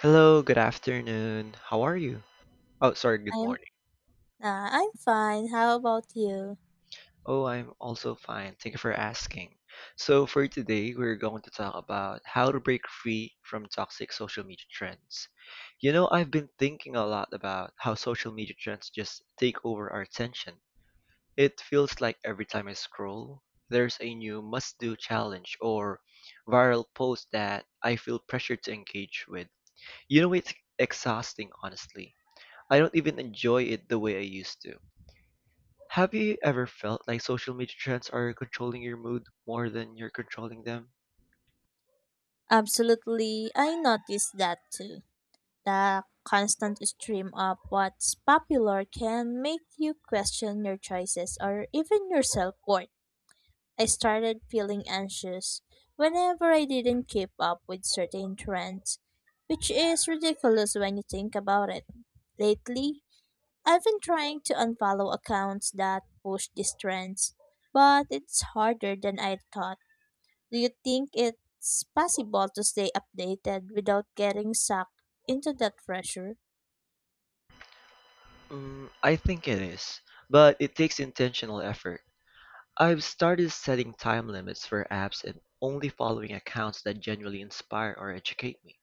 Hello, good afternoon. How are you? Oh, sorry, good I'm morning. I'm fine. How about you? Oh, I'm also fine. Thank you for asking. So, for today, we're going to talk about how to break free from toxic social media trends. You know, I've been thinking a lot about how social media trends just take over our attention. It feels like every time I scroll, there's a new must do challenge or viral post that I feel pressured to engage with. You know, it's exhausting, honestly. I don't even enjoy it the way I used to. Have you ever felt like social media trends are controlling your mood more than you're controlling them? Absolutely. I noticed that too. The constant stream of what's popular can make you question your choices or even your self-worth. I started feeling anxious whenever I didn't keep up with certain trends, which is ridiculous when you think about it. Lately, I've been trying to unfollow accounts that push these trends, but it's harder than I thought. Do you think it's possible to stay updated without getting sucked into that pressure? Mm, I think it is, but it takes intentional effort. I've started setting time limits for apps and only following accounts that genuinely inspire or educate me.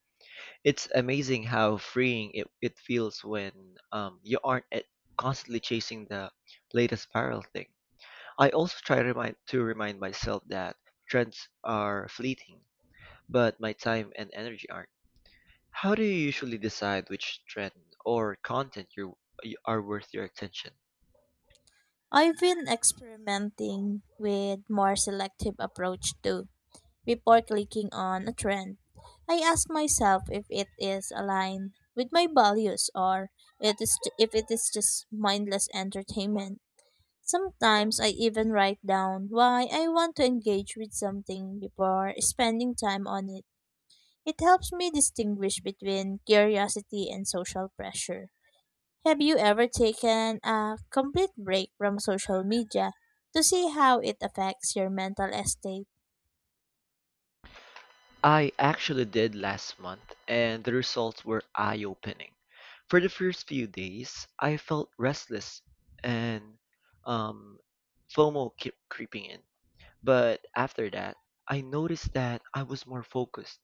It's amazing how freeing it feels when you aren't at, constantly chasing the latest viral thing. I also try to remind myself that trends are fleeting but my time and energy aren't. How do you usually decide which trend or content you are worth your attention? I've been experimenting with more selective approach too. Before clicking on a trend, I ask myself if it is aligned with my values or it is if it is just mindless entertainment. Sometimes I even write down why I want to engage with something before spending time on it. It helps me distinguish between curiosity and social pressure. Have you ever taken a complete break from social media to see how it affects your mental estate? I actually did last month, and the results were eye-opening. For the first few days, I felt restless and um, FOMO kept creeping in. But after that, I noticed that I was more focused,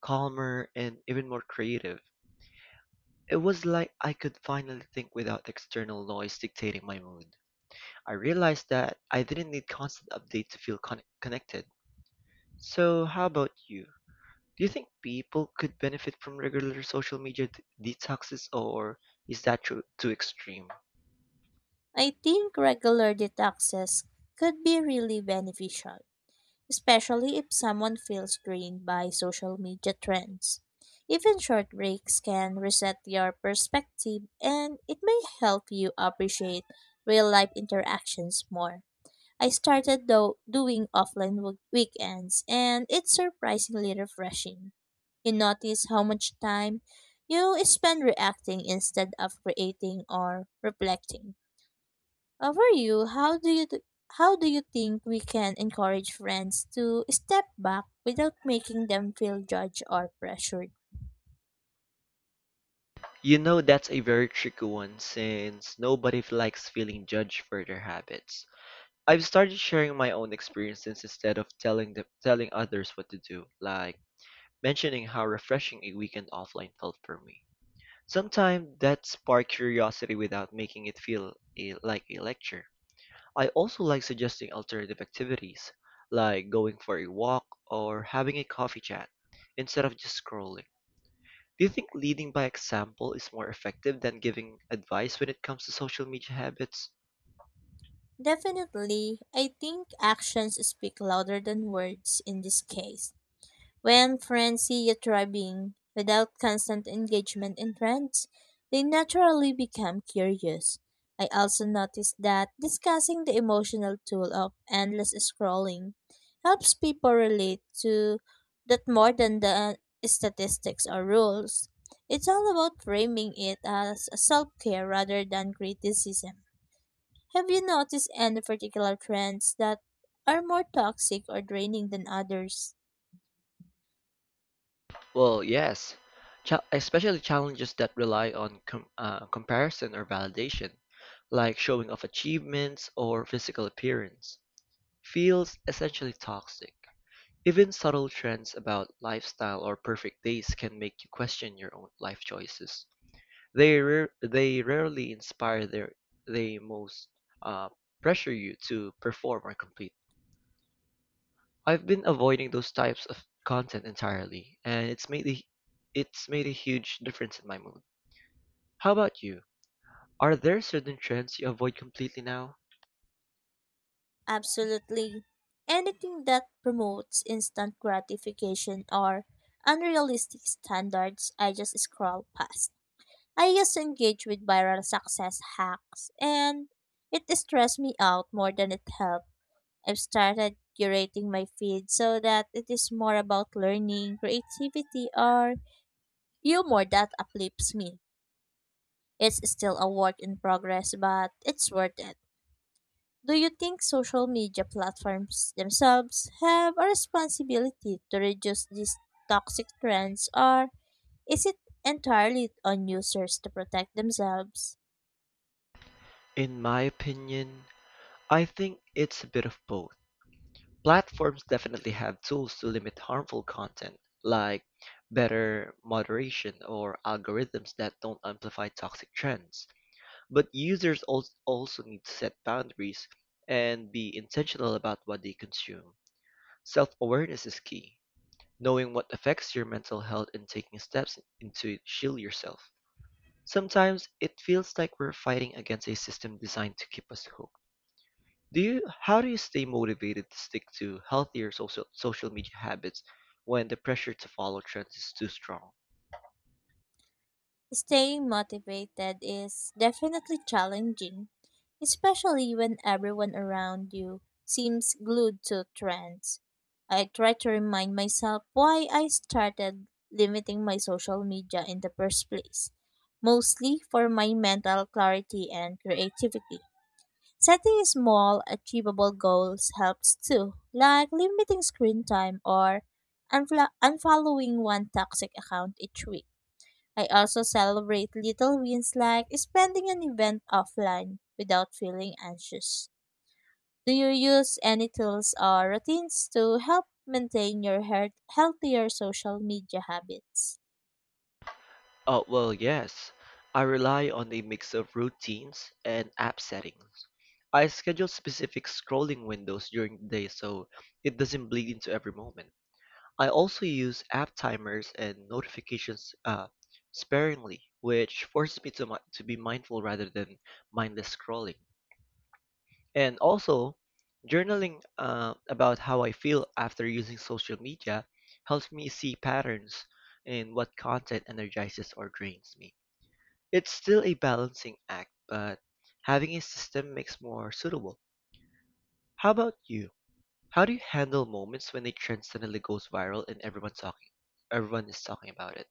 calmer, and even more creative. It was like I could finally think without external noise dictating my mood. I realized that I didn't need constant update to feel connected. So, how about you? Do you think people could benefit from regular social media detoxes, or is that too extreme? I think regular detoxes could be really beneficial, especially if someone feels drained by social media trends. Even short breaks can reset your perspective and it may help you appreciate real life interactions more. I started though doing offline weekends and it's surprisingly refreshing. You notice how much time you spend reacting instead of creating or reflecting. Over you, how do you think we can encourage friends to step back without making them feel judged or pressured? You know, that's a very tricky one since nobody likes feeling judged for their habits. I've started sharing my own experiences instead of telling others what to do, like mentioning how refreshing a weekend offline felt for me. Sometimes that spark curiosity without making it like a lecture. I also like suggesting alternative activities, like going for a walk or having a coffee chat, instead of just scrolling. Do you think leading by example is more effective than giving advice when it comes to social media habits? Definitely, I think actions speak louder than words in this case. When friends see you thriving without constant engagement in trends, they naturally become curious. I also noticed that discussing the emotional toll of endless scrolling helps people relate to that more than the statistics or rules. It's all about framing it as self care rather than criticism. Have you noticed any particular trends that are more toxic or draining than others? Well, yes, especially challenges that rely on comparison or validation, like showing off achievements or physical appearance, feels essentially toxic. Even subtle trends about lifestyle or perfect days can make you question your own life choices. They rarely inspire their they most uh, pressure you to perform or complete. I've been avoiding those types of content entirely, and it's made a huge difference in my mood. How about you? Are there certain trends you avoid completely now? Absolutely. Anything that promotes instant gratification or unrealistic standards, I just scroll past. I just engage with viral success hacks, and it stressed me out more than it helped. I've started curating my feed so that it is more about learning, creativity, or humor that uplifts me. It's still a work in progress, but it's worth it. Do you think social media platforms themselves have a responsibility to reduce these toxic trends, or is it entirely on users to protect themselves? In my opinion, I think it's a bit of both. Platforms definitely have tools to limit harmful content, like better moderation or algorithms that don't amplify toxic trends. But users also need to set boundaries and be intentional about what they consume. Self awareness is key, knowing what affects your mental health and taking steps into shield yourself. Sometimes it feels like we're fighting against a system designed to keep us hooked. Do you How do you stay motivated to stick to healthier social media habits when the pressure to follow trends is too strong? Staying motivated is definitely challenging, especially when everyone around you seems glued to trends. I try to remind myself why I started limiting my social media in the first place, mostly for my mental clarity and creativity. Setting small, achievable goals helps too, like limiting screen time or unfollowing one toxic account each week. I also celebrate little wins like spending an event offline without feeling anxious. Do you use any tools or routines to help maintain your healthier social media habits? Oh, well, yes. I rely on a mix of routines and app settings. I schedule specific scrolling windows during the day so it doesn't bleed into every moment. I also use app timers and notifications sparingly, which forces me to to be mindful rather than mindless scrolling. And also, journaling about how I feel after using social media helps me see patterns in what content energizes or drains me. It's still a balancing act, but having a system makes more suitable. How about you? How do you handle moments when a trend suddenly goes viral and everyone is talking about it?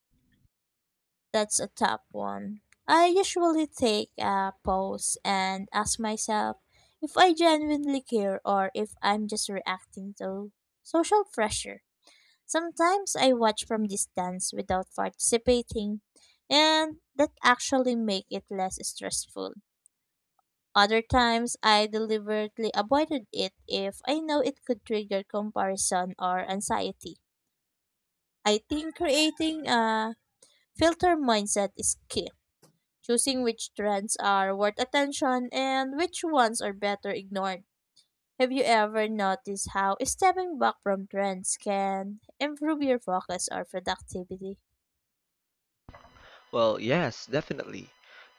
That's a top one. I usually take a pause and ask myself if I genuinely care or if I'm just reacting to social pressure. Sometimes I watch from distance without participating, and that actually make it less stressful. Other times I deliberately avoided it if I know it could trigger comparison or anxiety. I think creating a filter mindset is key. Choosing which trends are worth attention and which ones are better ignored. Have you ever noticed how stepping back from trends can improve your focus or productivity? Well, yes, definitely.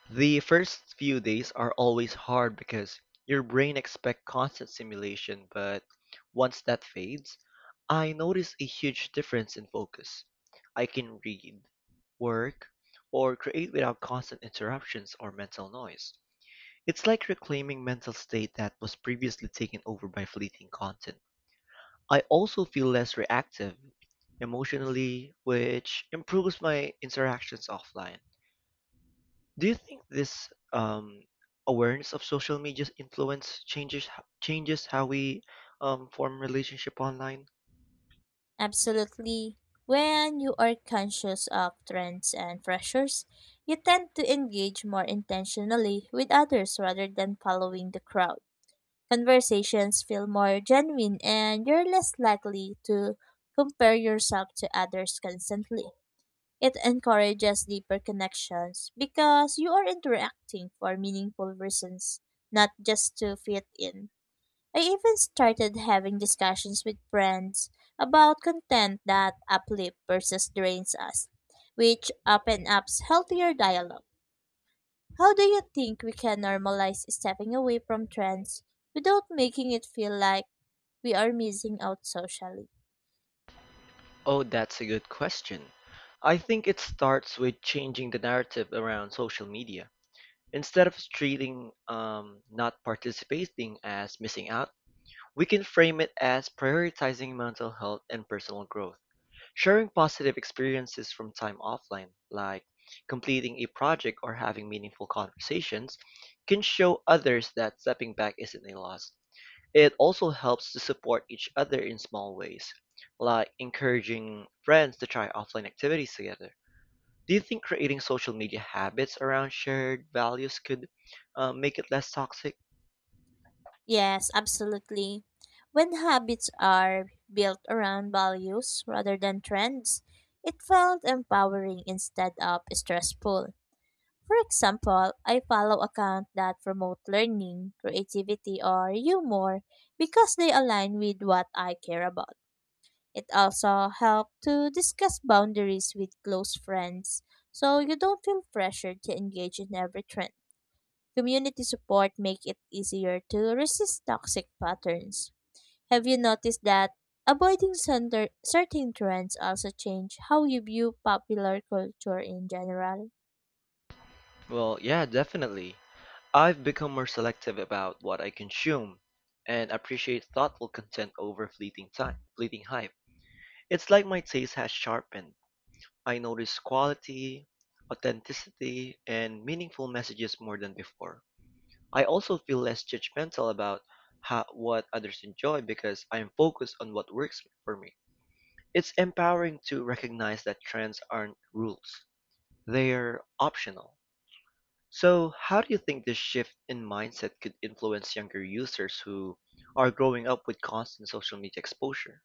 The first few days are always hard because your brain expects constant stimulation, but once that fades, I notice a huge difference in focus. I can read, work, or create without constant interruptions or mental noise. It's like reclaiming mental state that was previously taken over by fleeting content. I also feel less reactive emotionally, which improves my interactions offline. Do you think this awareness of social media's influence changes how we form relationship online? Absolutely. When you are conscious of trends and pressures, you tend to engage more intentionally with others rather than following the crowd. Conversations feel more genuine and you're less likely to compare yourself to others constantly. It encourages deeper connections because you are interacting for meaningful reasons, not just to fit in. I even started having discussions with friends about content that uplifts versus drains us, which opens up healthier dialogue. How do you think we can normalize stepping away from trends without making it feel like we are missing out socially? Oh, that's a good question. I think it starts with changing the narrative around social media. Instead of treating not participating as missing out, we can frame it as prioritizing mental health and personal growth. Sharing positive experiences from time offline, like completing a project or having meaningful conversations, can show others that stepping back isn't a loss. It also helps to support each other in small ways, like encouraging friends to try offline activities together. Do you think creating social media habits around shared values could make it less toxic? Yes, absolutely. When habits are built around values rather than trends, it felt empowering instead of stressful. For example, I follow accounts that promote learning, creativity, or humor because they align with what I care about. It also helps to discuss boundaries with close friends so you don't feel pressured to engage in every trend. Community support make it easier to resist toxic patterns. Have you noticed that avoiding certain trends also change how you view popular culture in general? Well, yeah, definitely. I've become more selective about what I consume and appreciate thoughtful content over fleeting hype. It's like my taste has sharpened. I notice quality, authenticity, and meaningful messages more than before. I also feel less judgmental about what others enjoy because I'm focused on what works for me. It's empowering to recognize that trends aren't rules, they're optional. So, how do you think this shift in mindset could influence younger users who are growing up with constant social media exposure?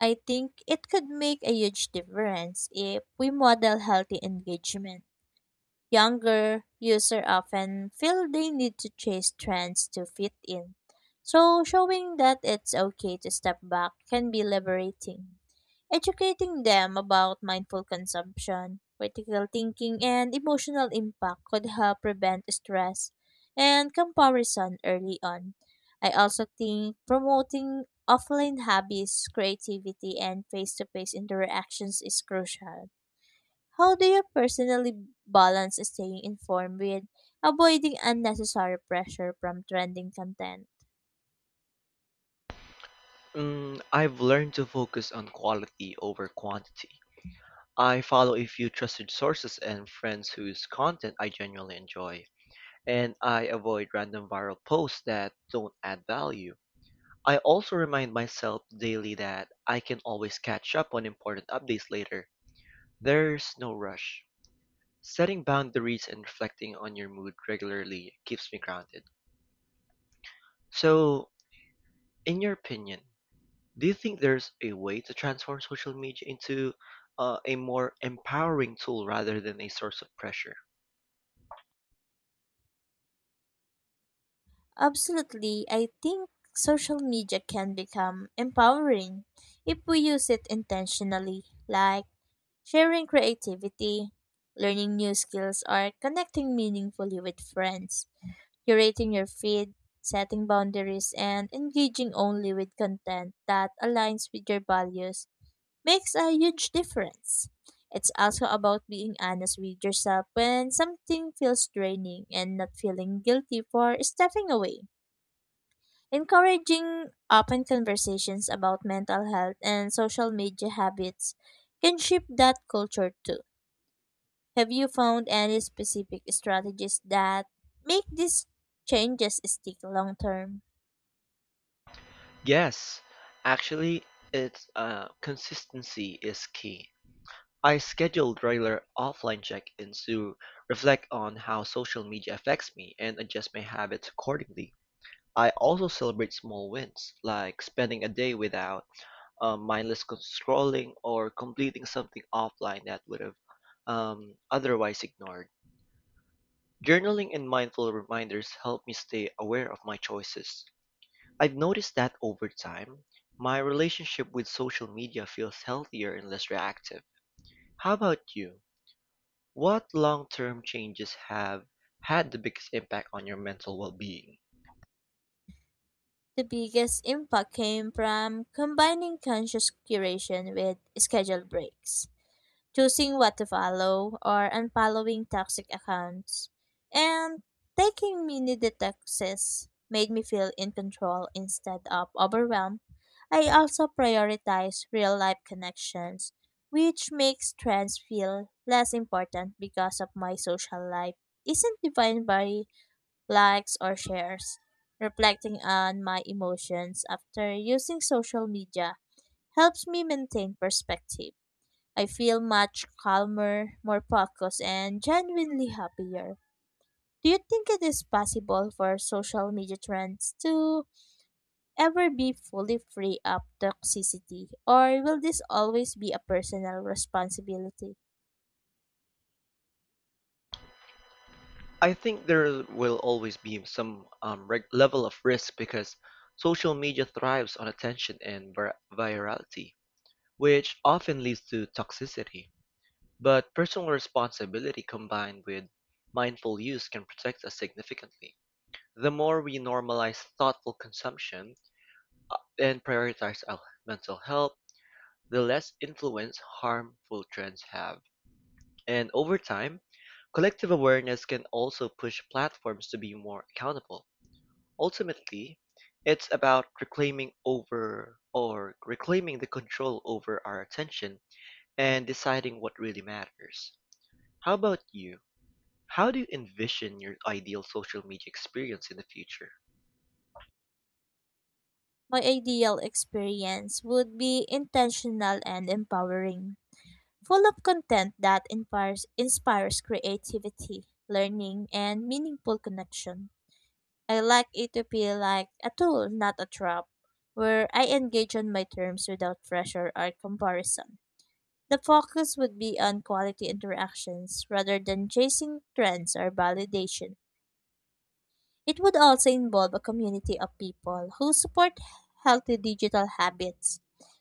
I think it could make a huge difference if we model healthy engagement. Younger users often feel they need to chase trends to fit in. So showing that it's okay to step back can be liberating. Educating them about mindful consumption, critical thinking, and emotional impact could help prevent stress and comparison early on. I also think promoting offline hobbies, creativity, and face to face interactions is crucial. How do you personally balance staying informed with avoiding unnecessary pressure from trending content? Mm, I've learned to focus on quality over quantity. I follow a few trusted sources and friends whose content I genuinely enjoy, and I avoid random viral posts that don't add value. I also remind myself daily that I can always catch up on important updates later. There's no rush. Setting boundaries and reflecting on your mood regularly keeps me grounded. So, in your opinion, do you think there's a way to transform social media into a more empowering tool rather than a source of pressure? Absolutely. I think social media can become empowering if we use it intentionally, like sharing creativity, learning new skills, or connecting meaningfully with friends, curating your feed, setting boundaries, and engaging only with content that aligns with your values makes a huge difference. It's also about being honest with yourself when something feels draining and not feeling guilty for stepping away. Encouraging open conversations about mental health and social media habits can shift that culture too. Have you found any specific strategies that make these changes stick long term? Yes, actually, it's consistency is key. I schedule regular offline check-ins to reflect on how social media affects me and adjust my habits accordingly. I also celebrate small wins, like spending a day without scrolling or completing something offline that would have otherwise ignored. Journaling and mindful reminders help me stay aware of my choices. I've noticed that over time, my relationship with social media feels healthier and less reactive. How about you? What long-term changes have had the biggest impact on your mental well-being? The biggest impact came from combining conscious curation with scheduled breaks. Choosing what to follow or unfollowing toxic accounts, and taking mini detoxes made me feel in control instead of overwhelmed. I also prioritize real life connections, which makes trends feel less important because of my social life isn't defined by likes or shares. Reflecting on my emotions after using social media helps me maintain perspective. I feel much calmer, more focused, and genuinely happier. Do you think it is possible for social media trends to ever be fully free of toxicity, or will this always be a personal responsibility? I think there will always be some level of risk because social media thrives on attention and virality, which often leads to toxicity. But personal responsibility combined with mindful use can protect us significantly. The more we normalize thoughtful consumption and prioritize our mental health, the less influence harmful trends have. And over time, collective awareness can also push platforms to be more accountable. Ultimately, it's about reclaiming the control over our attention and deciding what really matters. How about you? How do you envision your ideal social media experience in the future? My ideal experience would be intentional and empowering, full of content that inspires creativity, learning, and meaningful connection. I like it to feel like a tool, not a trap, where I engage on my terms without pressure or comparison. The focus would be on quality interactions rather than chasing trends or validation. It would also involve a community of people who support healthy digital habits.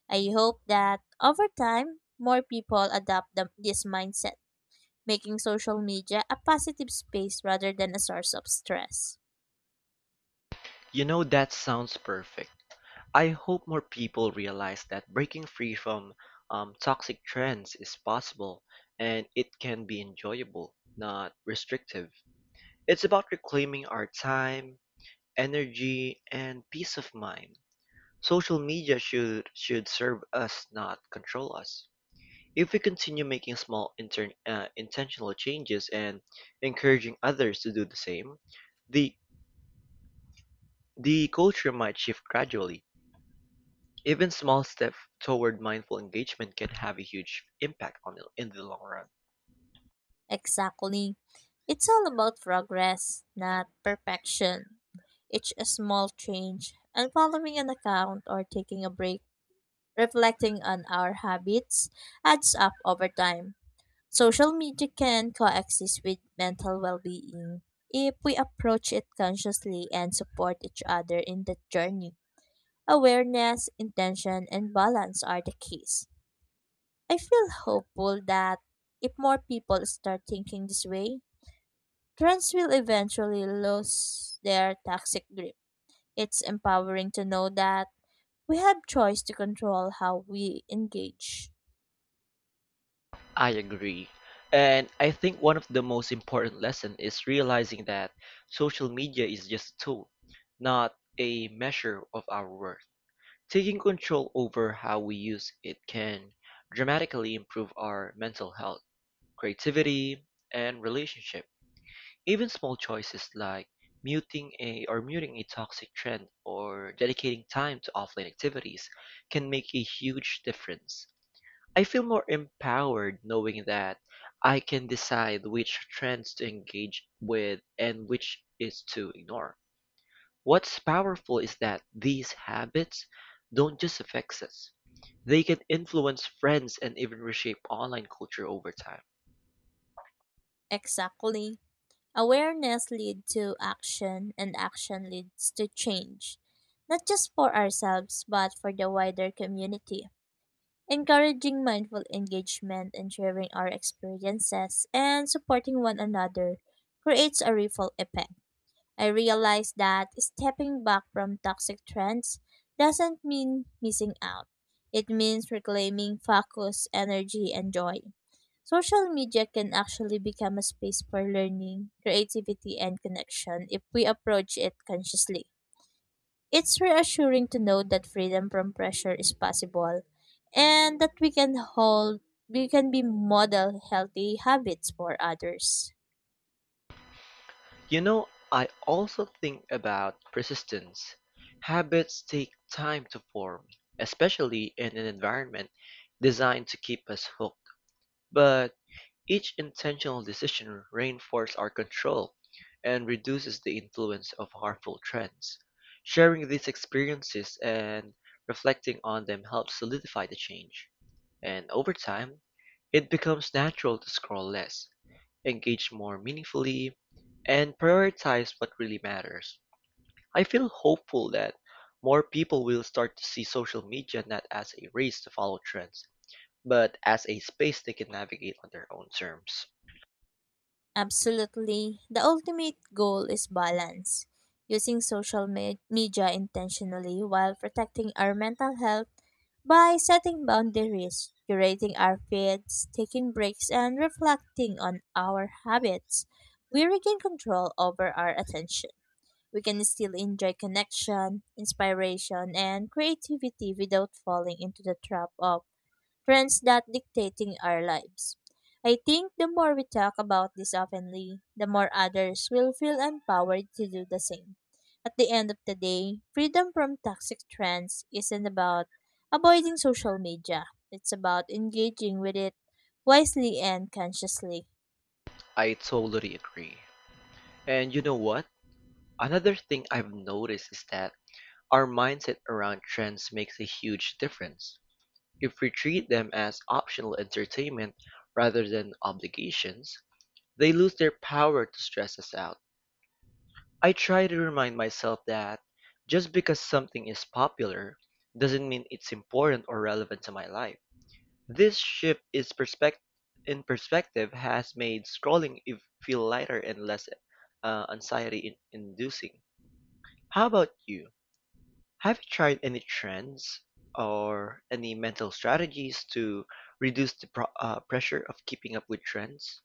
I hope that over time, more people adopt this mindset, making social media a positive space rather than a source of stress. You know, that sounds perfect. I hope more people realize that breaking free from toxic trends is possible and it can be enjoyable, not restrictive. It's about reclaiming our time, energy, and peace of mind. Social media should serve us, not control us. If we continue making intentional changes and encouraging others to do the same, the the culture might shift gradually. Even small steps toward mindful engagement can have a huge impact on in the long run. Exactly. It's all about progress, not perfection. Each small change and following an account or taking a break, reflecting on our habits, adds up over time. Social media can coexist with mental well being if we approach it consciously and support each other in the journey. Awareness, intention, and balance are the keys. I feel hopeful that if more people start thinking this way, trends will eventually lose their toxic grip. It's empowering to know that we have choice to control how we engage. I agree. And I think one of the most important lessons is realizing that social media is just a tool, not a measure of our worth. Taking control over how we use it can dramatically improve our mental health, creativity, and relationship. Even small choices like muting a toxic trend or dedicating time to offline activities can make a huge difference. I feel more empowered knowing that I can decide which trends to engage with and which is to ignore. What's powerful is that these habits don't just affect us. They can influence friends and even reshape online culture over time. Exactly. Awareness leads to action and action leads to change. Not just for ourselves but for the wider community. Encouraging mindful engagement and sharing our experiences and supporting one another creates a ripple effect. I realized that stepping back from toxic trends doesn't mean missing out. It means reclaiming focus, energy, and joy. Social media can actually become a space for learning, creativity, and connection if we approach it consciously. It's reassuring to know that freedom from pressure is possible and that we can be model healthy habits for others. You know, I also think about persistence. Habits take time to form, especially in an environment designed to keep us hooked. But each intentional decision reinforces our control and reduces the influence of harmful trends. Sharing these experiences and reflecting on them helps solidify the change. And over time, it becomes natural to scroll less, engage more meaningfully, and prioritize what really matters. I feel hopeful that more people will start to see social media not as a race to follow trends, but as a space they can navigate on their own terms. Absolutely. The ultimate goal is balance, using media intentionally while protecting our mental health by setting boundaries, curating our feeds, taking breaks, and reflecting on our habits. We regain control over our attention. We can still enjoy connection, inspiration, and creativity without falling into the trap of trends that dictating our lives. I think the more we talk about this openly, the more others will feel empowered to do the same. At the end of the day, freedom from toxic trends isn't about avoiding social media. It's about engaging with it wisely and consciously. I totally agree. And you know what? Another thing I've noticed is that our mindset around trends makes a huge difference. If we treat them as optional entertainment rather than obligations, they lose their power to stress us out. I try to remind myself that just because something is popular doesn't mean it's important or relevant to my life. This shift is perspec- In perspective has made feel lighter and less anxiety inducing. How about you? Have you tried any trends or any mental strategies to reduce the pressure of keeping up with trends?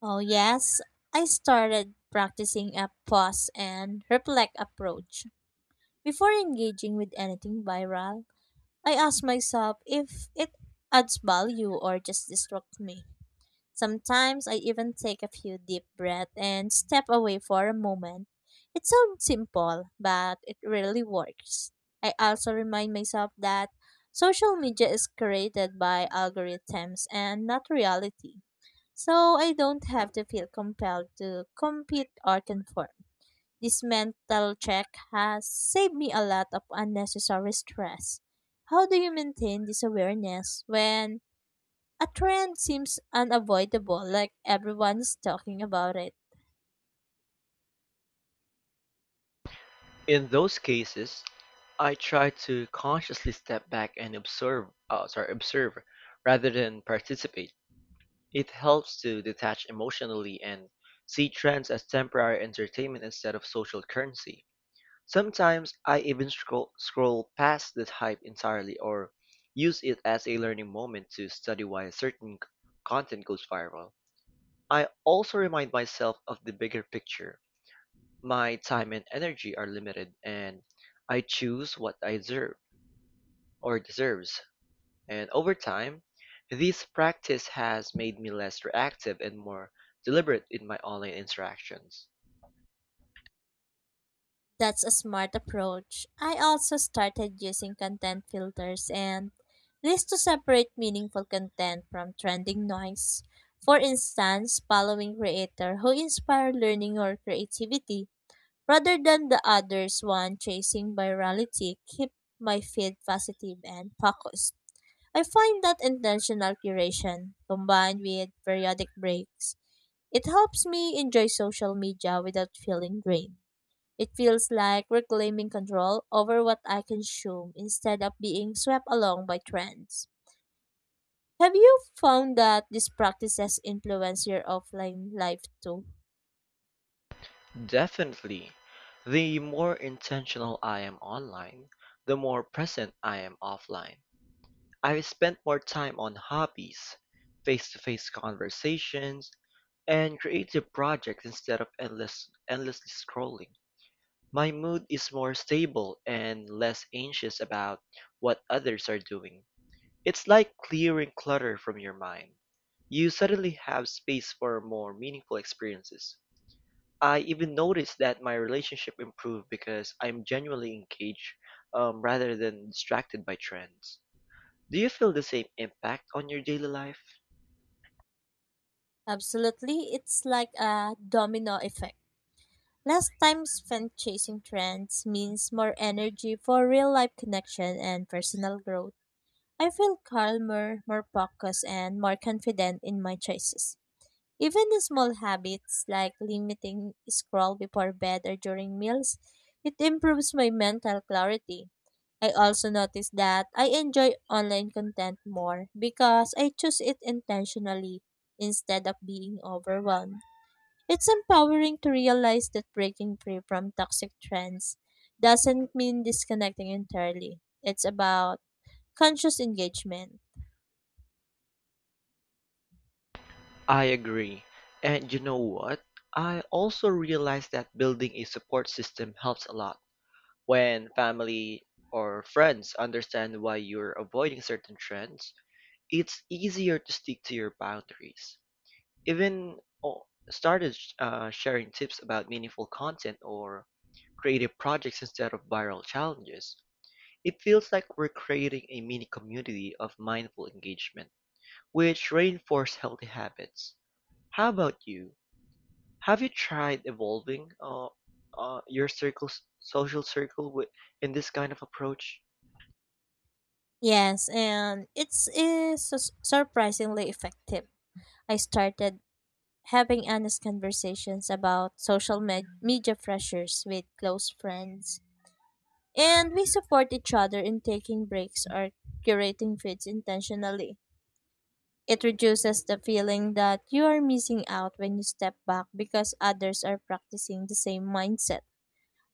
Oh yes, I started practicing a pause and reflect approach. Before engaging with anything viral, I ask myself if it adds value or just distracts me. Sometimes I even take a few deep breaths and step away for a moment. It sounds simple, but it really works. I also remind myself that social media is created by algorithms and not reality. So I don't have to feel compelled to compete or conform. This mental check has saved me a lot of unnecessary stress. How do you maintain this awareness when a trend seems unavoidable, like everyone is talking about it? In those cases, I try to consciously step back and observe rather than participate. It helps to detach emotionally and see trends as temporary entertainment instead of social currency. Sometimes I even scroll past the hype entirely or use it as a learning moment to study why content goes viral. I also remind myself of the bigger picture. My time and energy are limited and I choose what I deserves. And over time, this practice has made me less reactive and more deliberate in my online interactions. That's a smart approach. I also started using content filters and lists to separate meaningful content from trending noise. For instance, following creator who inspire learning or creativity rather than the others one chasing virality keep my feed positive and focused. I find that intentional curation combined with periodic breaks, it helps me enjoy social media without feeling drained. It feels like reclaiming control over what I consume instead of being swept along by trends. Have you found that these practices influence your offline life too? Definitely, the more intentional I am online, the more present I am offline. I've spent more time on hobbies, face-to-face conversations, and creative projects instead of endlessly scrolling. My mood is more stable and less anxious about what others are doing. It's like clearing clutter from your mind. You suddenly have space for more meaningful experiences. I even noticed that my relationship improved because I'm genuinely engaged rather than distracted by trends. Do you feel the same impact on your daily life? Absolutely, it's like a domino effect. Less time spent chasing trends means more energy for real life connection and personal growth. I feel calmer, more focused, and more confident in my choices. Even the small habits like limiting scroll before bed or during meals, it improves my mental clarity. I also notice that I enjoy online content more because I choose it intentionally instead of being overwhelmed. It's empowering to realize that breaking free from toxic trends doesn't mean disconnecting entirely. It's about conscious engagement. I agree. And you know what? I also realized that building a support system helps a lot. When family or friends understand why you're avoiding certain trends, it's easier to stick to your boundaries. Even sharing tips about meaningful content or creative projects instead of viral challenges. It feels like we're creating a mini community of mindful engagement, which reinforce healthy habits. How about you? Have you tried evolving your social circle with, in this kind of approach? Yes, and it's surprisingly effective. I started having honest conversations about media pressures with close friends. And we support each other in taking breaks or curating feeds intentionally. It reduces the feeling that you are missing out when you step back because others are practicing the same mindset.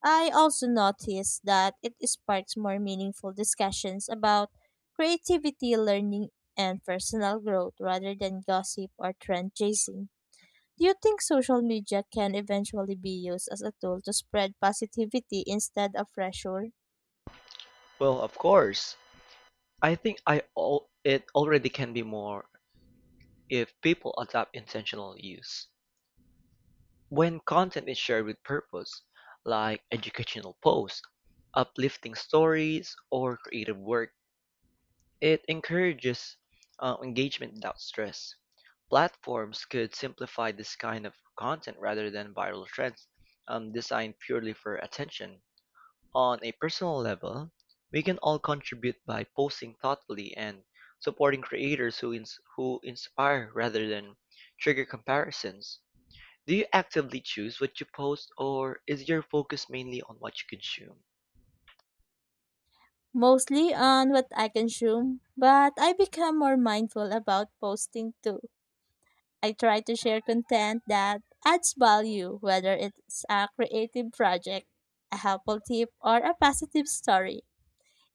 I also noticed that it sparks more meaningful discussions about creativity, learning, and personal growth rather than gossip or trend chasing. Do you think social media can eventually be used as a tool to spread positivity instead of pressure? Well, of course. I think I all it already can be more if people adopt intentional use. When content is shared with purpose, like educational posts, uplifting stories, or creative work, it encourages engagement without stress. Platforms could simplify this kind of content rather than viral trends designed purely for attention. On a personal level, we can all contribute by posting thoughtfully and supporting who inspire rather than trigger comparisons. Do you actively choose what you post or is your focus mainly on what you consume? Mostly on what I consume, but I become more mindful about posting too. I try to share content that adds value, whether it's a creative project, a helpful tip, or a positive story.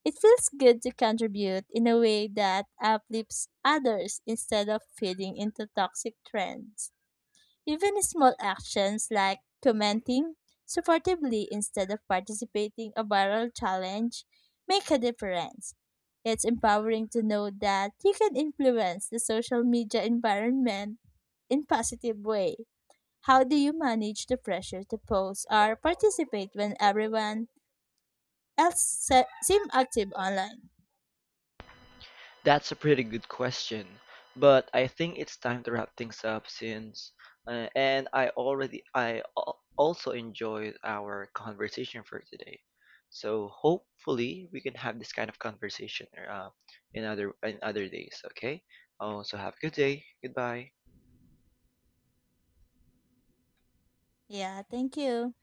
It feels good to contribute in a way that uplifts others instead of feeding into toxic trends. Even small actions like commenting supportively instead of participating a viral challenge make a difference. It's empowering to know that you can influence the social media environment in positive way. How do you manage the pressure to post or participate when everyone else seem active online? That's a pretty good question, but I think it's time to wrap things up since and I already I al- also enjoyed our conversation for today. So hopefully we can have this kind of conversation in other days, okay? So have a good day. Goodbye. Yeah, thank you.